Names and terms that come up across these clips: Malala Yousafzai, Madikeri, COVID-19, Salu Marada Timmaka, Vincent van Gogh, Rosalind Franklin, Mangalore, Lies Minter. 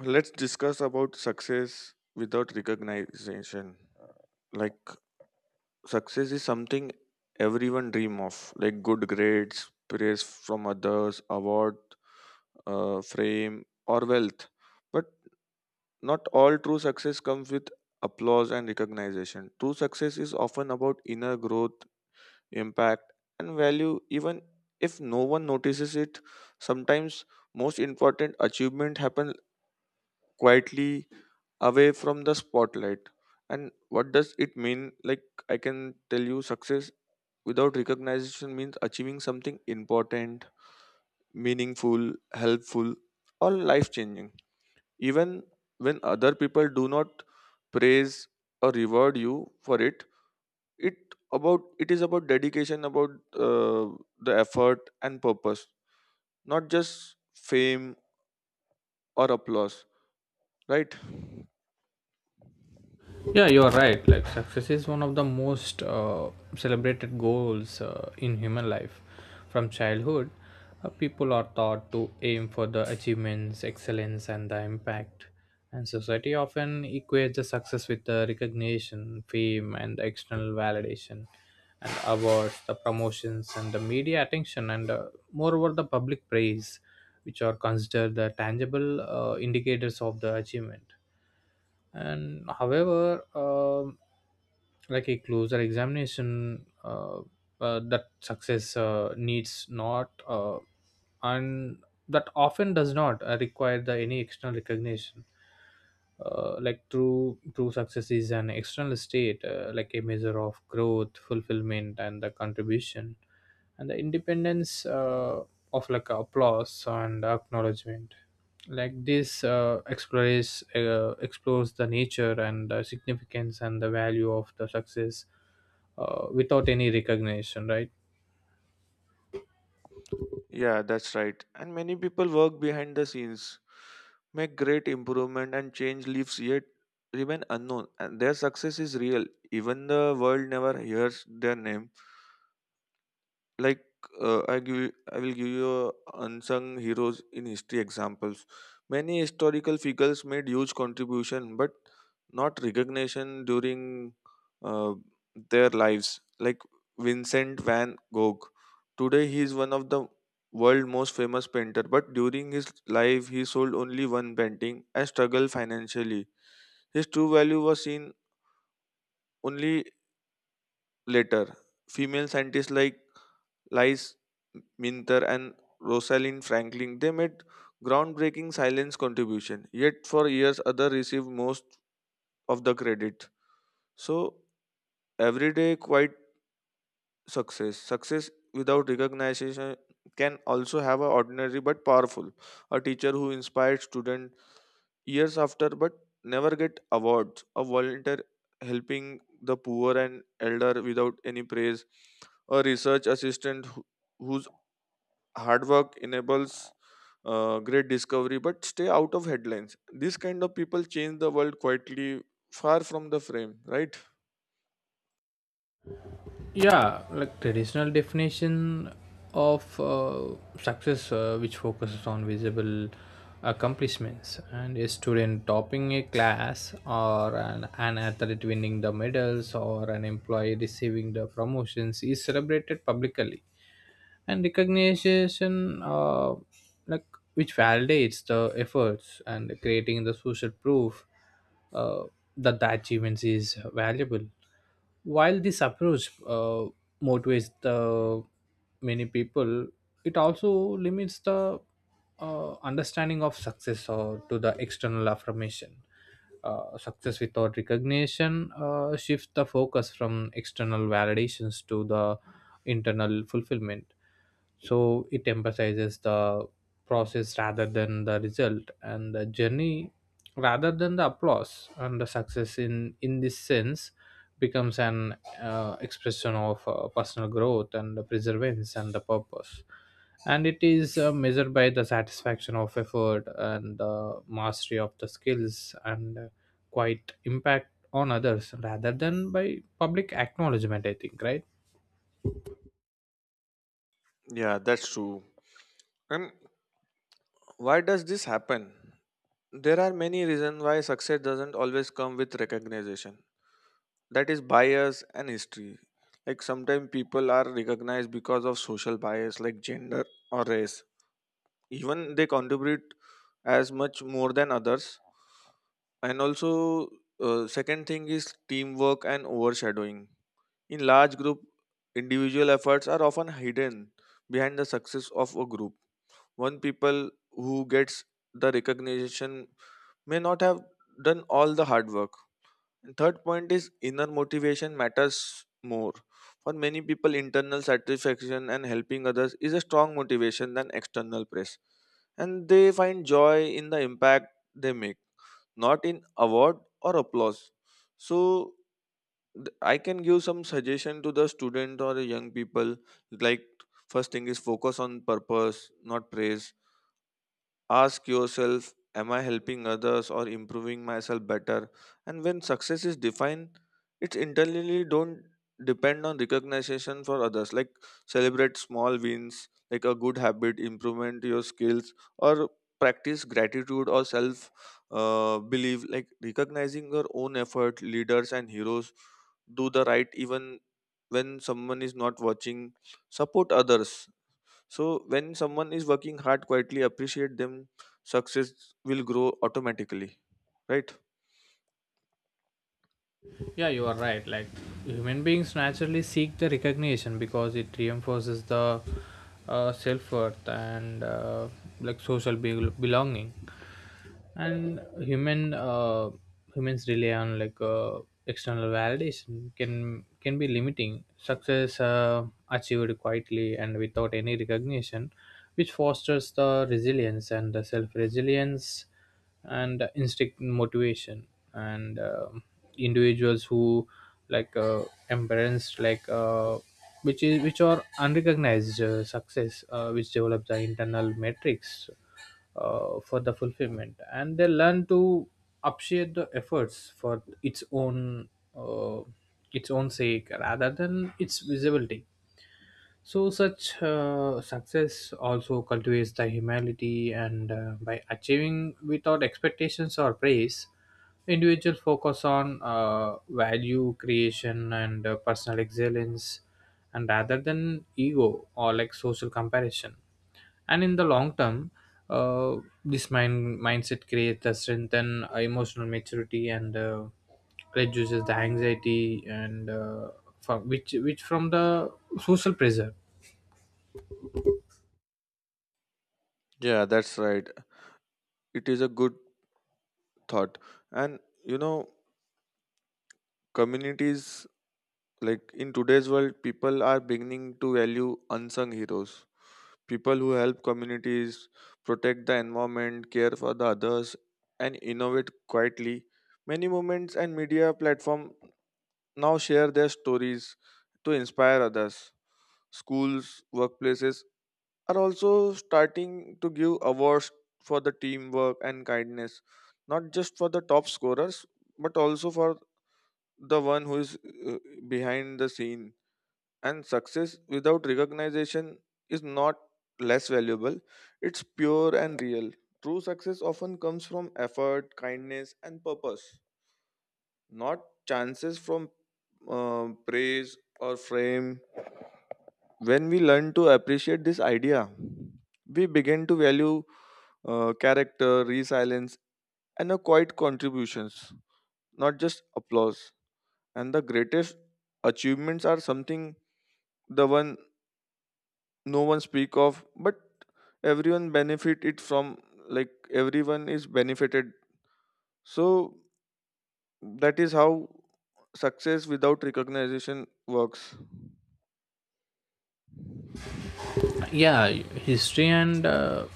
Let's discuss about success without recognition. Like success is something everyone dream of, like good grades, praise from others, award, fame, or wealth. But not all true success comes with applause and recognition. True success is often about inner growth, impact, and value. Even if no one notices it, sometimes most important achievement happen quietly away from the spotlight. And what does it mean? Like I can tell you success without recognition means achieving something important, meaningful, helpful, or life changing, even when other people do not praise or reward you for it. It about It is about dedication, about uh, the effort and purpose, not just fame or applause, right? Yeah, you are right. Like success is one of the most celebrated goals in human life. From childhood, people are taught to aim for the achievements, excellence, and the impact. And society often equates the success with the recognition, fame, and the external validation, and awards, the promotions, and the media attention, and moreover the public praise, which are considered the tangible indicators of the achievement and however, like a closer examination that success needs not an that often does not require the any external recognition like true success is an external state like a measure of growth fulfillment and the contribution and the independence of like applause and acknowledgement. Like this explores the nature and the significance and the value of the success without any recognition, right? Yeah, that's right. And many people work behind the scenes, make great improvement and change lives yet remain unknown. And their success is real. Even the world never hears their name. Like I will give you a unsung heroes in history examples. Many historical figures made huge contribution, but not recognition during uh, their lives. Like Vincent van Gogh. Today he is one of the world most famous painter, but during his life he sold only one painting and struggled financially. His true value was seen only later. Female scientists like Lies Minter and Rosalind Franklin, they made groundbreaking silence contribution. Yet for years, others received most of the credit. So everyday quite success, success without recognition can also have a ordinary but powerful. A teacher who inspired students years after but never get awards. A volunteer helping the poor and elder without any praise. A research assistant whose hard work enables great discovery but stay out of headlines. This kind of people change the world quietly, far from the frame, right? Yeah, like traditional definition of success which focuses on visible accomplishments and a student topping a class or an athlete winning the medals or an employee receiving the promotions is celebrated publicly and recognition like which validates the efforts and creating the social proof uh, that the achievements is valuable. While this approach motivates the many people, it also limits the understanding of success or to the external affirmation. Success without recognition shifts the focus from external validations to the internal fulfillment. So it emphasizes the process rather than the result and the journey rather than the applause, and the success in this sense becomes an expression of personal growth and the perseverance and the purpose, and it is measured by the satisfaction of effort and the mastery of the skills and quite impact on others rather than by public acknowledgement, I think, right? Yeah, that's true. And why does this happen? There are many reasons why success doesn't always come with recognition. That is bias and history. Like sometimes people are recognized because of social bias like gender or race, even they contribute as much more than others. And also, second thing is teamwork and overshadowing. In large group, individual efforts are often hidden behind the success of a group. One people who gets the recognition may not have done all the hard work. And third point is inner motivation matters more. For many people, internal satisfaction and helping others is a strong motivation than external praise. And they find joy in the impact they make, not in award or applause. So I can give some suggestion to the student or the young people. Like first thing is focus on purpose, not praise. Ask yourself, am I helping others or improving myself better? And when success is defined, it internally don't depend on recognition for others. Like celebrate small wins, like a good habit, improvement your skills, or practice gratitude or self belief. Like recognizing your own effort, leaders and heroes do the right even when someone is not watching. Support others, so when someone is working hard quietly, appreciate them, success will grow automatically, right? Yeah, you are right. Like human beings naturally seek the recognition because it reinforces the self worth and like social belonging, and humans rely on like external validation can be limiting. Success achieved quietly and without any recognition, which fosters the resilience and the self resilience and instinct motivation. And individuals who like embraced like which are unrecognized success which develop the internal metrics for the fulfillment, and they learn to appreciate the efforts for uh, its own sake rather than its visibility. So, such success also cultivates the humility, and by achieving without expectations or praise, individual focus on value creation and personal excellence, and rather than ego or like social comparison. And in the long term, uh, this mindset creates a strengthen emotional maturity, and. Reduces the anxiety and from which from the social pressure. Yeah, that's right. It is a good thought. And you know, communities, like in today's world, people are beginning to value unsung heroes. People who help communities, protect the environment, care for the others, and innovate quietly. Many movements and media platform now share their stories to inspire others. Schools, workplaces are also starting to give awards for the teamwork and kindness, not just for the top scorers, but also for the one who is uh, behind the scene. And success without recognition is not less valuable, it's pure and real. True success often comes from effort, kindness, and purpose, not chances from praise or fame. When we learn to appreciate this idea, we begin to value character, resilience, and a quiet contributions, not just applause. And the greatest achievements are something the one no one speak of, but everyone benefit it from. Like everyone is benefited. So that is how success without recognition works. Yeah, history and uh,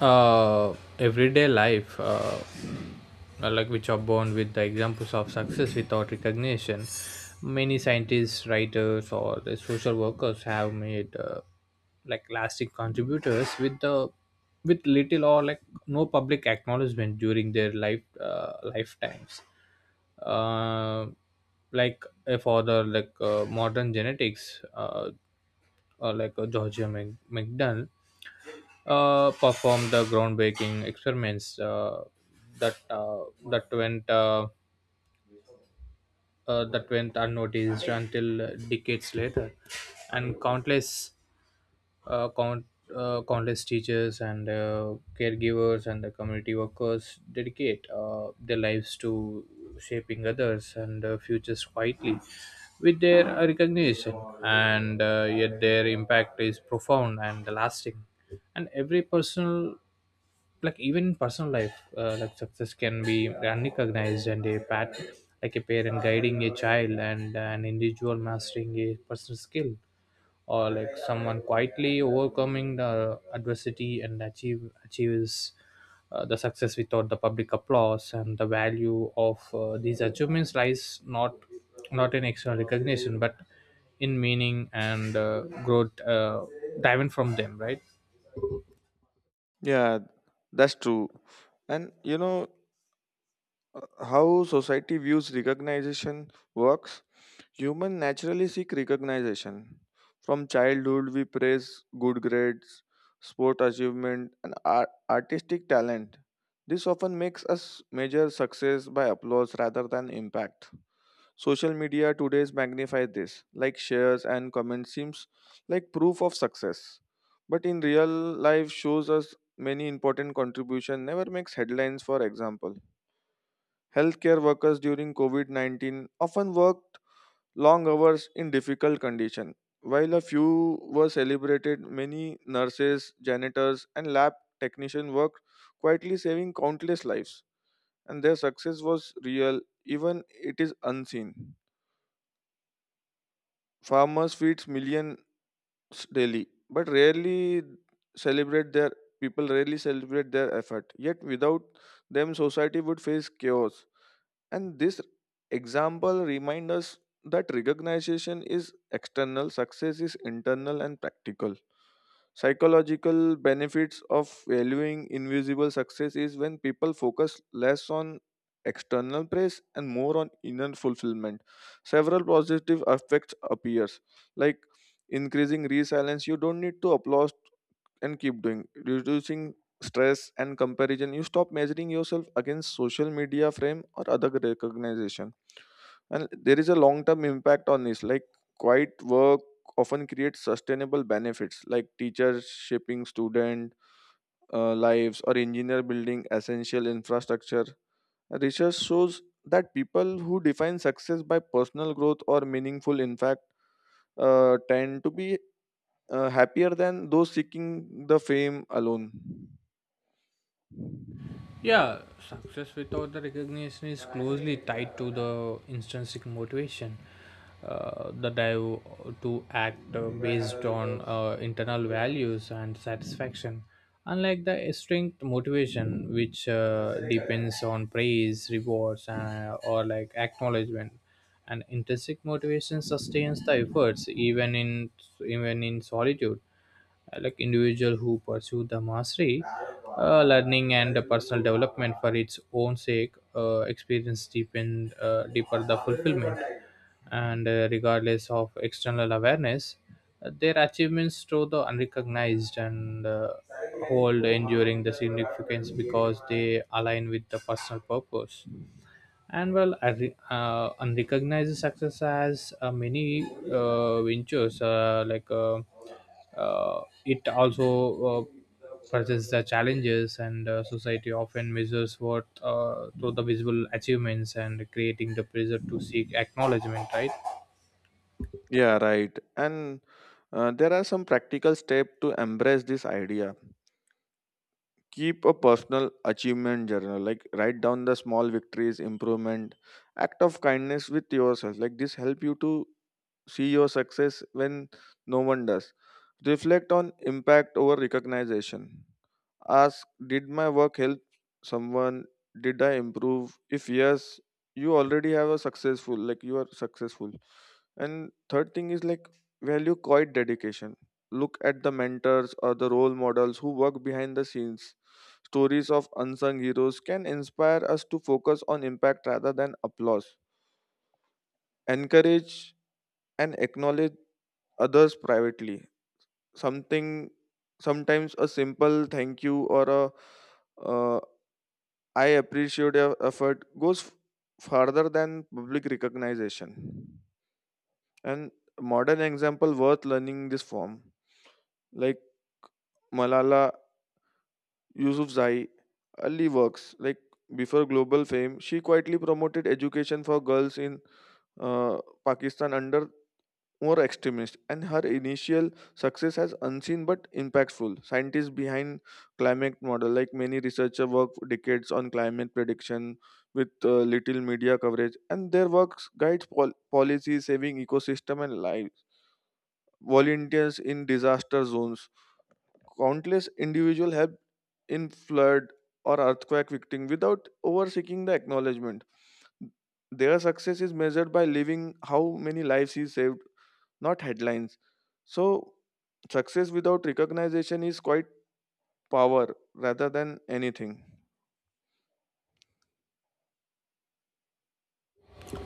uh, everyday life like which are born with the examples of success without recognition. Many scientists, writers, or the social workers have made like lasting contributors with the with little or like no public acknowledgement during their lifetimes. uh, for the like modern genetics, or like Georgia McDonnell performed the groundbreaking experiments that uh, that went uh, that went unnoticed until decades later, and countless uh, count. Countless teachers and caregivers and the community workers dedicate their lives to shaping others and futures quietly with their recognition, and yet their impact is profound and lasting. And every personal, like even in personal life, like success can be unrecognized and a pat, like a parent guiding a child and an individual mastering a personal skill or like someone quietly overcoming the adversity and achieves the success without the public applause. And the value of these achievements lies not in external recognition but in meaning and growth driven from them, right? Yeah, that's true. And you know, how society views recognition works? Human naturally seek recognition. From childhood, we praise good grades, sport achievement, and artistic talent. This often makes us measure success by applause rather than impact. Social media today's magnify this, like shares and comments seems like proof of success. But in real life shows us many important contribution never makes headlines, for example. Healthcare workers during COVID-19 often worked long hours in difficult condition. While a few were celebrated, many nurses, janitors and lab technicians worked quietly, saving countless lives, and their success was real even it is unseen. Farmers feeds millions daily but rarely celebrate their, people rarely celebrate their effort, yet without them society would face chaos. And this example reminds us that recognition is external, success is internal and practical. Psychological benefits of valuing invisible success is when people focus less on external praise and more on inner fulfillment. Several positive effects appears, like increasing resilience. You don't need to applaud and keep doing, reducing stress and comparison. You stop measuring yourself against social media frame or other recognition. And there is a long term impact on this, like quiet work often creates sustainable benefits like teachers shaping student lives or engineer building essential infrastructure. Research shows that people who define success by personal growth or meaningful impact tend to be happier than those seeking the fame alone. Yeah, success without the recognition is closely tied to the intrinsic motivation, the drive to act based on internal values and satisfaction. Unlike the strength motivation, which depends on praise, rewards, or like acknowledgement, and intrinsic motivation sustains the efforts even in even in solitude. Like individual who pursue the mastery, learning and personal development for its own sake experience deepen deeper the fulfillment, and regardless of external awareness their achievements through the unrecognized, and hold enduring the significance because they align with the personal purpose. And well, I re- and success as many ventures. It also presents the challenges, and society often measures worth through the visible achievements and creating the pressure to seek acknowledgement, right? Yeah, right. And there are some practical steps to embrace this idea. Keep a personal achievement journal, like write down the small victories, improvement, act of kindness with yourself. Like this help you to see your success when no one does. Reflect on impact over recognition. Ask, did my work help someone? Did I improve? If yes, you already have a successful, like you are successful. And third thing is like value quiet dedication. Look at the mentors or the role models who work behind the scenes. Stories of unsung heroes can inspire us to focus on impact rather than applause. Encourage and acknowledge others privately. Something sometimes a simple thank you or a uh, I appreciate your effort goes farther than public recognition. And modern example worth learning this form, like Malala Yousafzai early works, like before global fame she quietly promoted education for girls in uh, Pakistan under more extremist, and her initial success has unseen but impactful. Scientists behind climate model, like many researchers, work for decades on climate prediction with little media coverage, and their work guides policy, saving ecosystem and lives. Volunteers in disaster zones, countless individual help in flood or earthquake victim without over seeking the acknowledgement. Their success is measured by living how many lives is saved, not headlines. So, success without recognition is quite power rather than anything.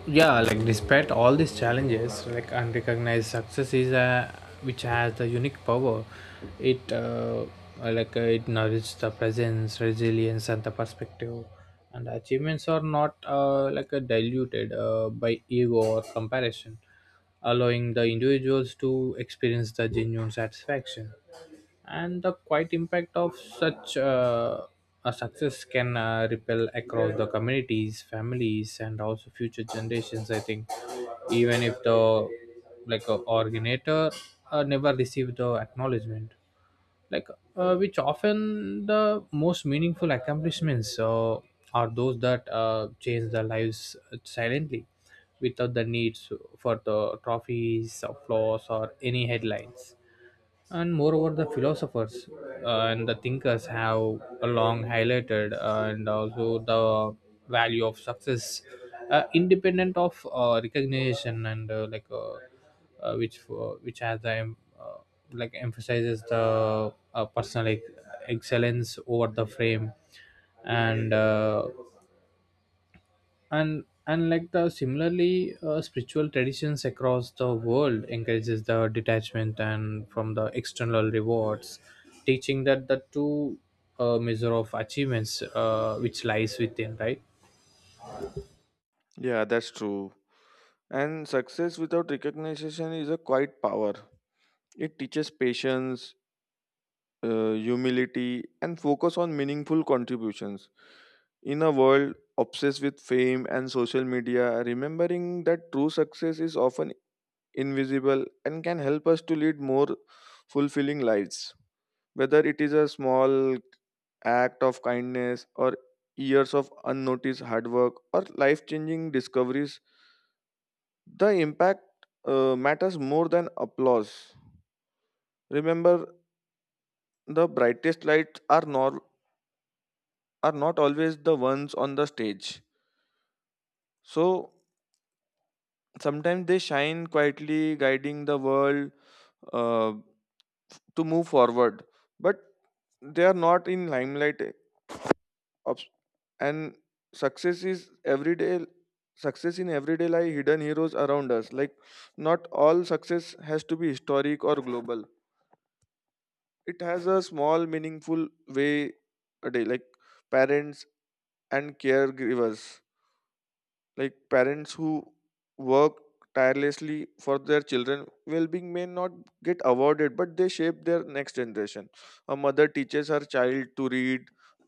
Yeah, like despite all these challenges, like unrecognized success is a which has the unique power. It like it nourishes the presence resilience and the perspective, and achievements are not like diluted by ego or comparison, allowing the individuals to experience the genuine satisfaction. And the quiet impact of such a success can ripple across the communities, families, and also future generations, I think, even if the like originator never received the acknowledgement. Like which often the most meaningful accomplishments are those that change their lives silently without the needs for the trophies or flaws or any headlines. And moreover the philosophers and the thinkers have long highlighted and also the value of success independent of recognition, and which has the like emphasizes the personal excellence over the frame. And like the similarly spiritual traditions across the world encourages the detachment and from the external rewards, teaching that the true measure of achievements which lies within, right? Yeah, that's true. And success without recognition is a quite power. It teaches patience, humility, and focus on meaningful contributions. In a world obsessed with fame and social media, remembering that true success is often invisible, and can help us to lead more fulfilling lives. Whether it is a small act of kindness or years of unnoticed hard work or life changing discoveries, the impact matters more than applause. Remember, the brightest lights are not always the ones on the stage. So sometimes they shine quietly, guiding the world uh, to move forward. But they are not in limelight. Obs- and success is everyday success in everyday lie hidden heroes around us, like not all success has to be historic or global, it has a small meaningful way a day, like parents and caregivers, like parents who work tirelessly for their children well-being may not get awarded but they shape their next generation. A mother teaches her child to read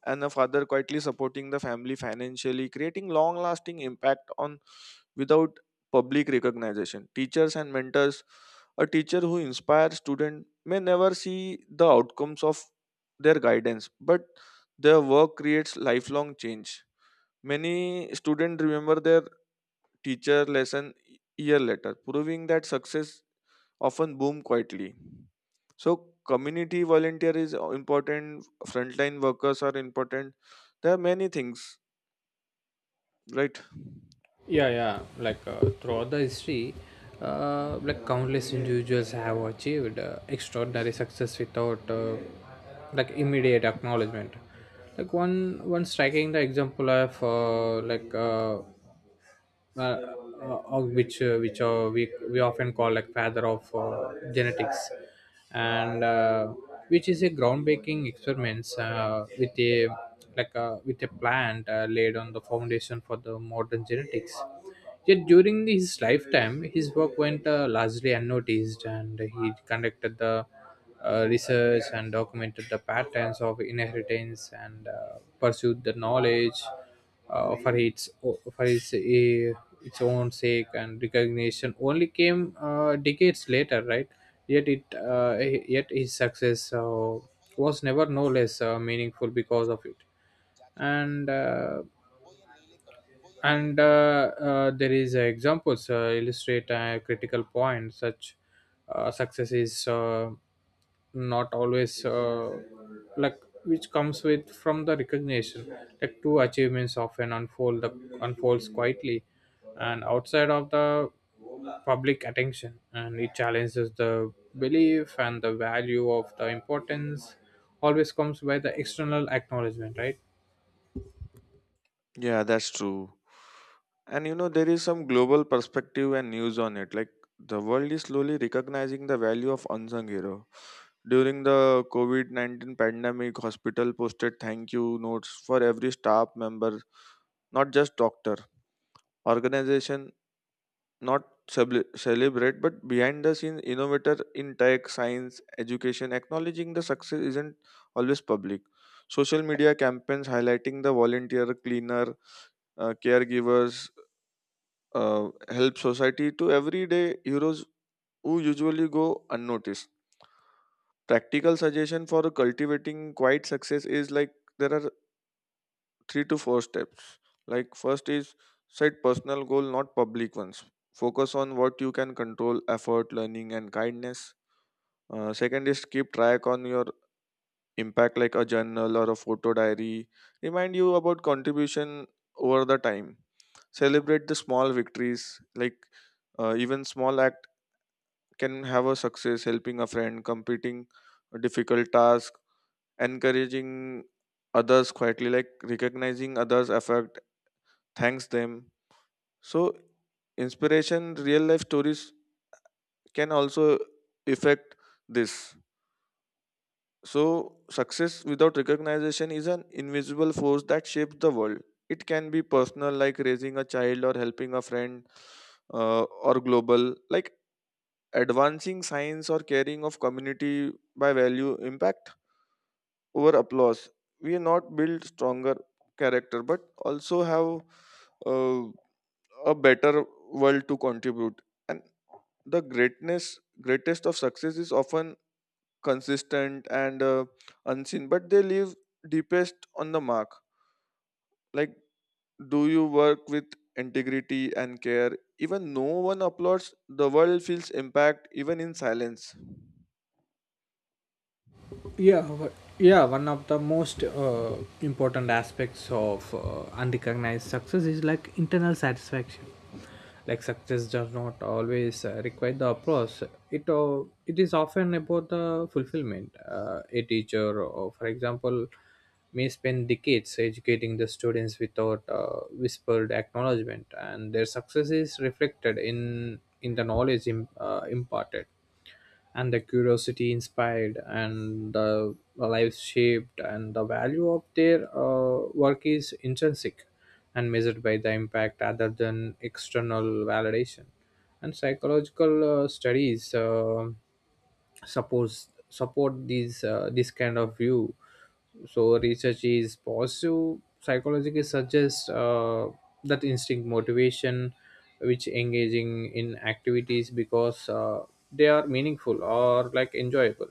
and a father quietly supporting the family financially, creating long-lasting impact on without public recognition. Teachers and mentors, a teacher who inspires student may never see the outcomes of their guidance but their work creates lifelong change. Many students remember their teacher lesson year later, proving that success often boom quietly. So community volunteer is important, frontline workers are important. There are many things, right? Yeah, like throughout the history like countless individuals have achieved extraordinary success without like immediate acknowledgement. Like one striking the example of like which we often call like father of genetics, and which is a groundbreaking experiments with a like a, with a plant laid on the foundation for the modern genetics. Yet during his lifetime, his work went largely unnoticed, and he conducted the research and documented the patterns of inheritance and pursued the knowledge for its own sake, and recognition only came decades later, right? Yet it yet his success was never no less meaningful because of it. And uh, and there is examples illustrate a critical point. Such success is not always like which comes with from the recognition, like two achievements often unfolds quietly and outside of the public attention, and it challenges the belief and the value of the importance always comes by the external acknowledgement, right? Yeah, that's true. And you know, there is some global perspective and news on it. Like the world is slowly recognizing the value of unsung hero. During the COVID COVID-19 pandemic, hospital posted thank you notes for every staff member, not just doctor. Organization not celebrate but behind the scenes innovator in tech science education, acknowledging the success isn't always public. Social media campaigns highlighting the volunteer cleaner, caregivers help society to everyday heroes who usually go unnoticed. Practical suggestion for cultivating quiet success is like there are three to four steps. Like, first is set personal goal, not public ones. Focus on what you can control, effort, learning, and kindness. Second is keep track on your impact, like a journal or a photo diary. Remind you about contribution over the time. Celebrate the small victories. Like, even small act can have a success, helping a friend, completing a difficult task, encouraging others quietly, like recognizing others' effort, thanks them. So, inspiration, real life stories can also affect this. So, success without recognition is an invisible force that shapes the world. It can be personal, like raising a child or helping a friend, or global, like advancing science or caring of community by value impact over applause. We are not build stronger character, but also have. Uh, a better world to contribute. And greatest of success is often consistent and unseen, but they leave deepest on the mark. Like, do you work with integrity and care? Even no one applauds, the world feels impact even in silence. Yeah wha- yeah one of the most important aspects of unrecognized success is like internal satisfaction. Like success does not always require the applause. It it is often about the fulfillment. A teacher, or for example, may spend decades educating the students without whispered acknowledgement, and their success is reflected in the knowledge imparted and the curiosity inspired and the life shaped, and the value of their work is intrinsic and measured by the impact rather than external validation. And psychological studies suppose support these this kind of view. So research is positive psychologically suggests that instinct motivation, which engaging in activities because they are meaningful or like enjoyable,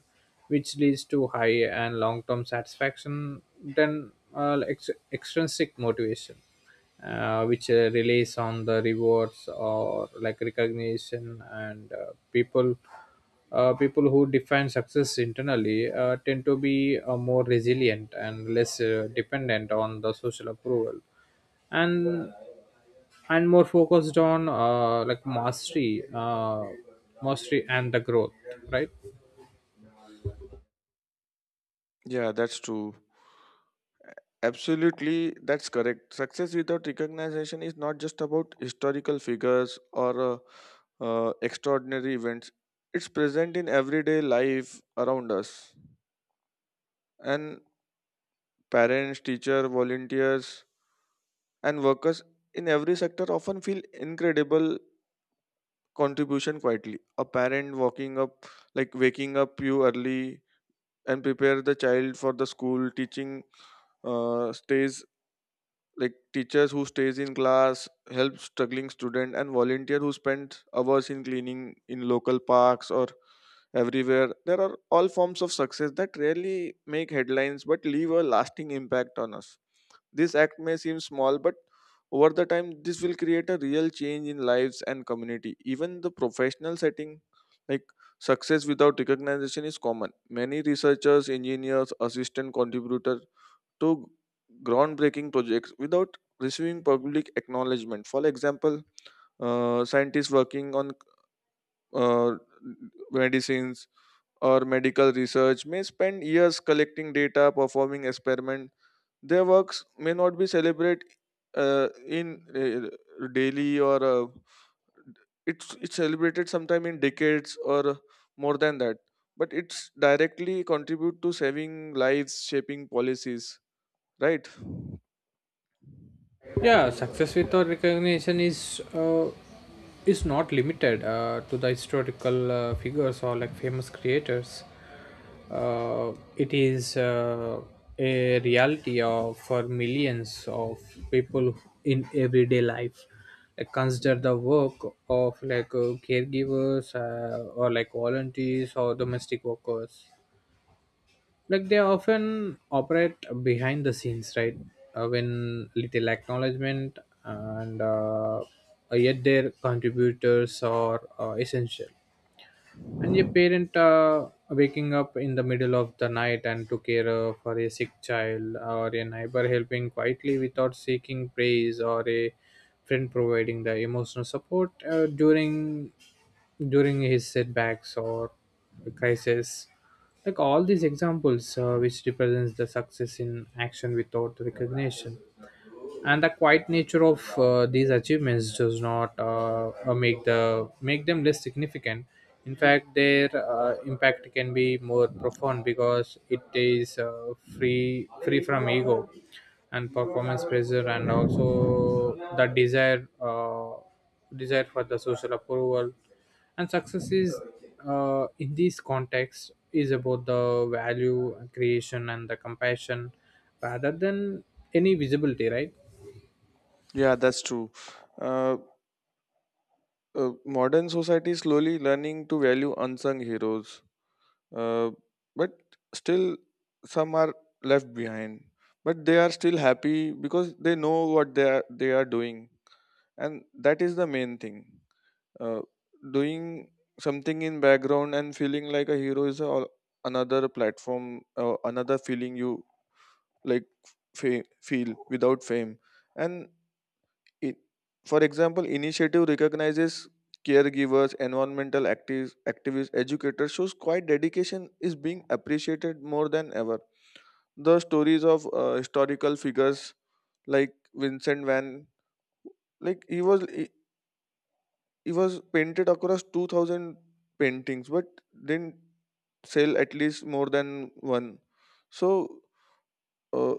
which leads to high and long term satisfaction then extrinsic motivation, which relies on the rewards or like recognition. And people people who define success internally tend to be more resilient and less dependent on the social approval, and and more focused on like mastery, mastery and the growth, right? Yeah, that's true. Absolutely, that's correct. Success without recognition is not just about historical figures or extraordinary events, it's present in everyday life around us. And parents, teachers, volunteers, and workers in every sector often feel incredible contribution quietly. A parent walking up, like waking up you early and prepare the child for the school, teaching stays, like teachers who stays in class help struggling student, and volunteer who spends hours in cleaning in local parks or everywhere. There are all forms of success that rarely make headlines but leave a lasting impact on us. This act may seem small, but over the time this will create a real change in lives and community, even the professional setting. Like, success without recognition is common. Many researchers, engineers, assistant contributor to groundbreaking projects without receiving public acknowledgement. For example, scientists working on uh, medicines or medical research may spend years collecting data, performing experiments. Their works may not be celebrated in daily, or it's celebrated sometime in decades or more than that. But it's directly contribute to saving lives, shaping policies, right? Yeah, success without recognition is not limited to the historical figures or like famous creators. It is a reality of for millions of people in everyday life. Like consider the work of like caregivers or like volunteers or domestic workers. Like they often operate behind the scenes, right? When little acknowledgement, and yet their contributors are essential. And your parent waking up in the middle of the night and to care for a sick child, or a neighbor helping quietly without seeking praise, or a friend providing the emotional support during his setbacks or crisis, like all these examples which represents the success in action without recognition. And the quiet nature of these achievements does not make the make them less significant. In fact, their impact can be more profound because it is free from ego and performance pressure and also the desire desire for the social approval. And success is in this context is about the value creation and the compassion rather than any visibility, right? Yeah, that's true. Uh, Modern society is slowly learning to value unsung heroes, uh, but still some are left behind. But they are still happy because they know what they are doing, and that is the main thing. Uh, Doing something in background and feeling like a hero is a, another platform, another feeling you, like, feel without fame, and it, for example, initiative recognizes caregivers, environmental activists, educators shows quite dedication is being appreciated more than ever. The stories of historical figures like Vincent Van, like he was painted across 2,000 paintings, but didn't sell at least more than one. So. Uh,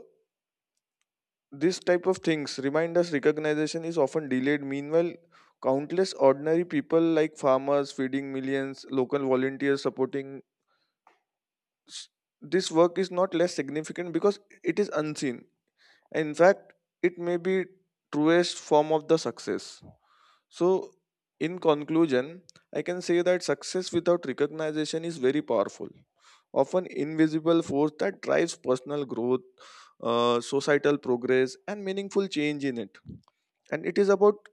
This type of things remind us recognition is often delayed. Meanwhile, countless ordinary people like farmers feeding millions, local volunteers supporting s- this work is not less significant because it is unseen. In fact, it may be truest form of the success. So, in conclusion, I can say that success without recognition is very powerful, often invisible force that drives personal growth, societal progress, and meaningful change in it. And it is about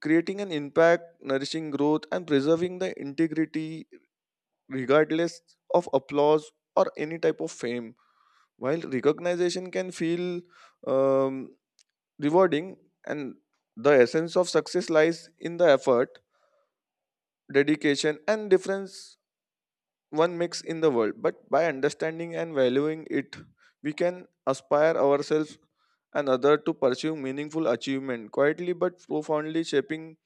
creating an impact, nourishing growth, and preserving the integrity regardless of applause or any type of fame. While recognition can feel um, rewarding, and the essence of success lies in the effort, dedication, and difference one makes in the world. But by understanding and valuing it, we can aspire ourselves and other to pursue meaningful achievement quietly but profoundly, shaping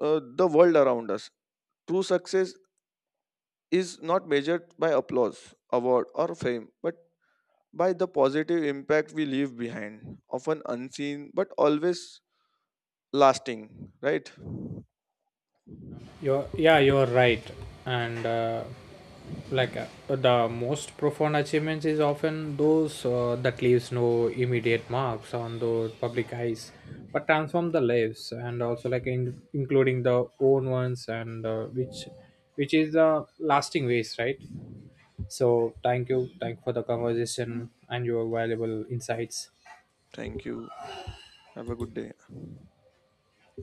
the world around us. True success is not measured by applause, award, or fame, but by the positive impact we leave behind, often unseen but always lasting, right? You're right. And like the most profound achievements is often those that leaves no immediate marks on the public eyes, but transform the lives and also like in, including the own ones, and which is the lasting ways, right? So thank you for the conversation and your valuable insights. Thank you. Have a good day.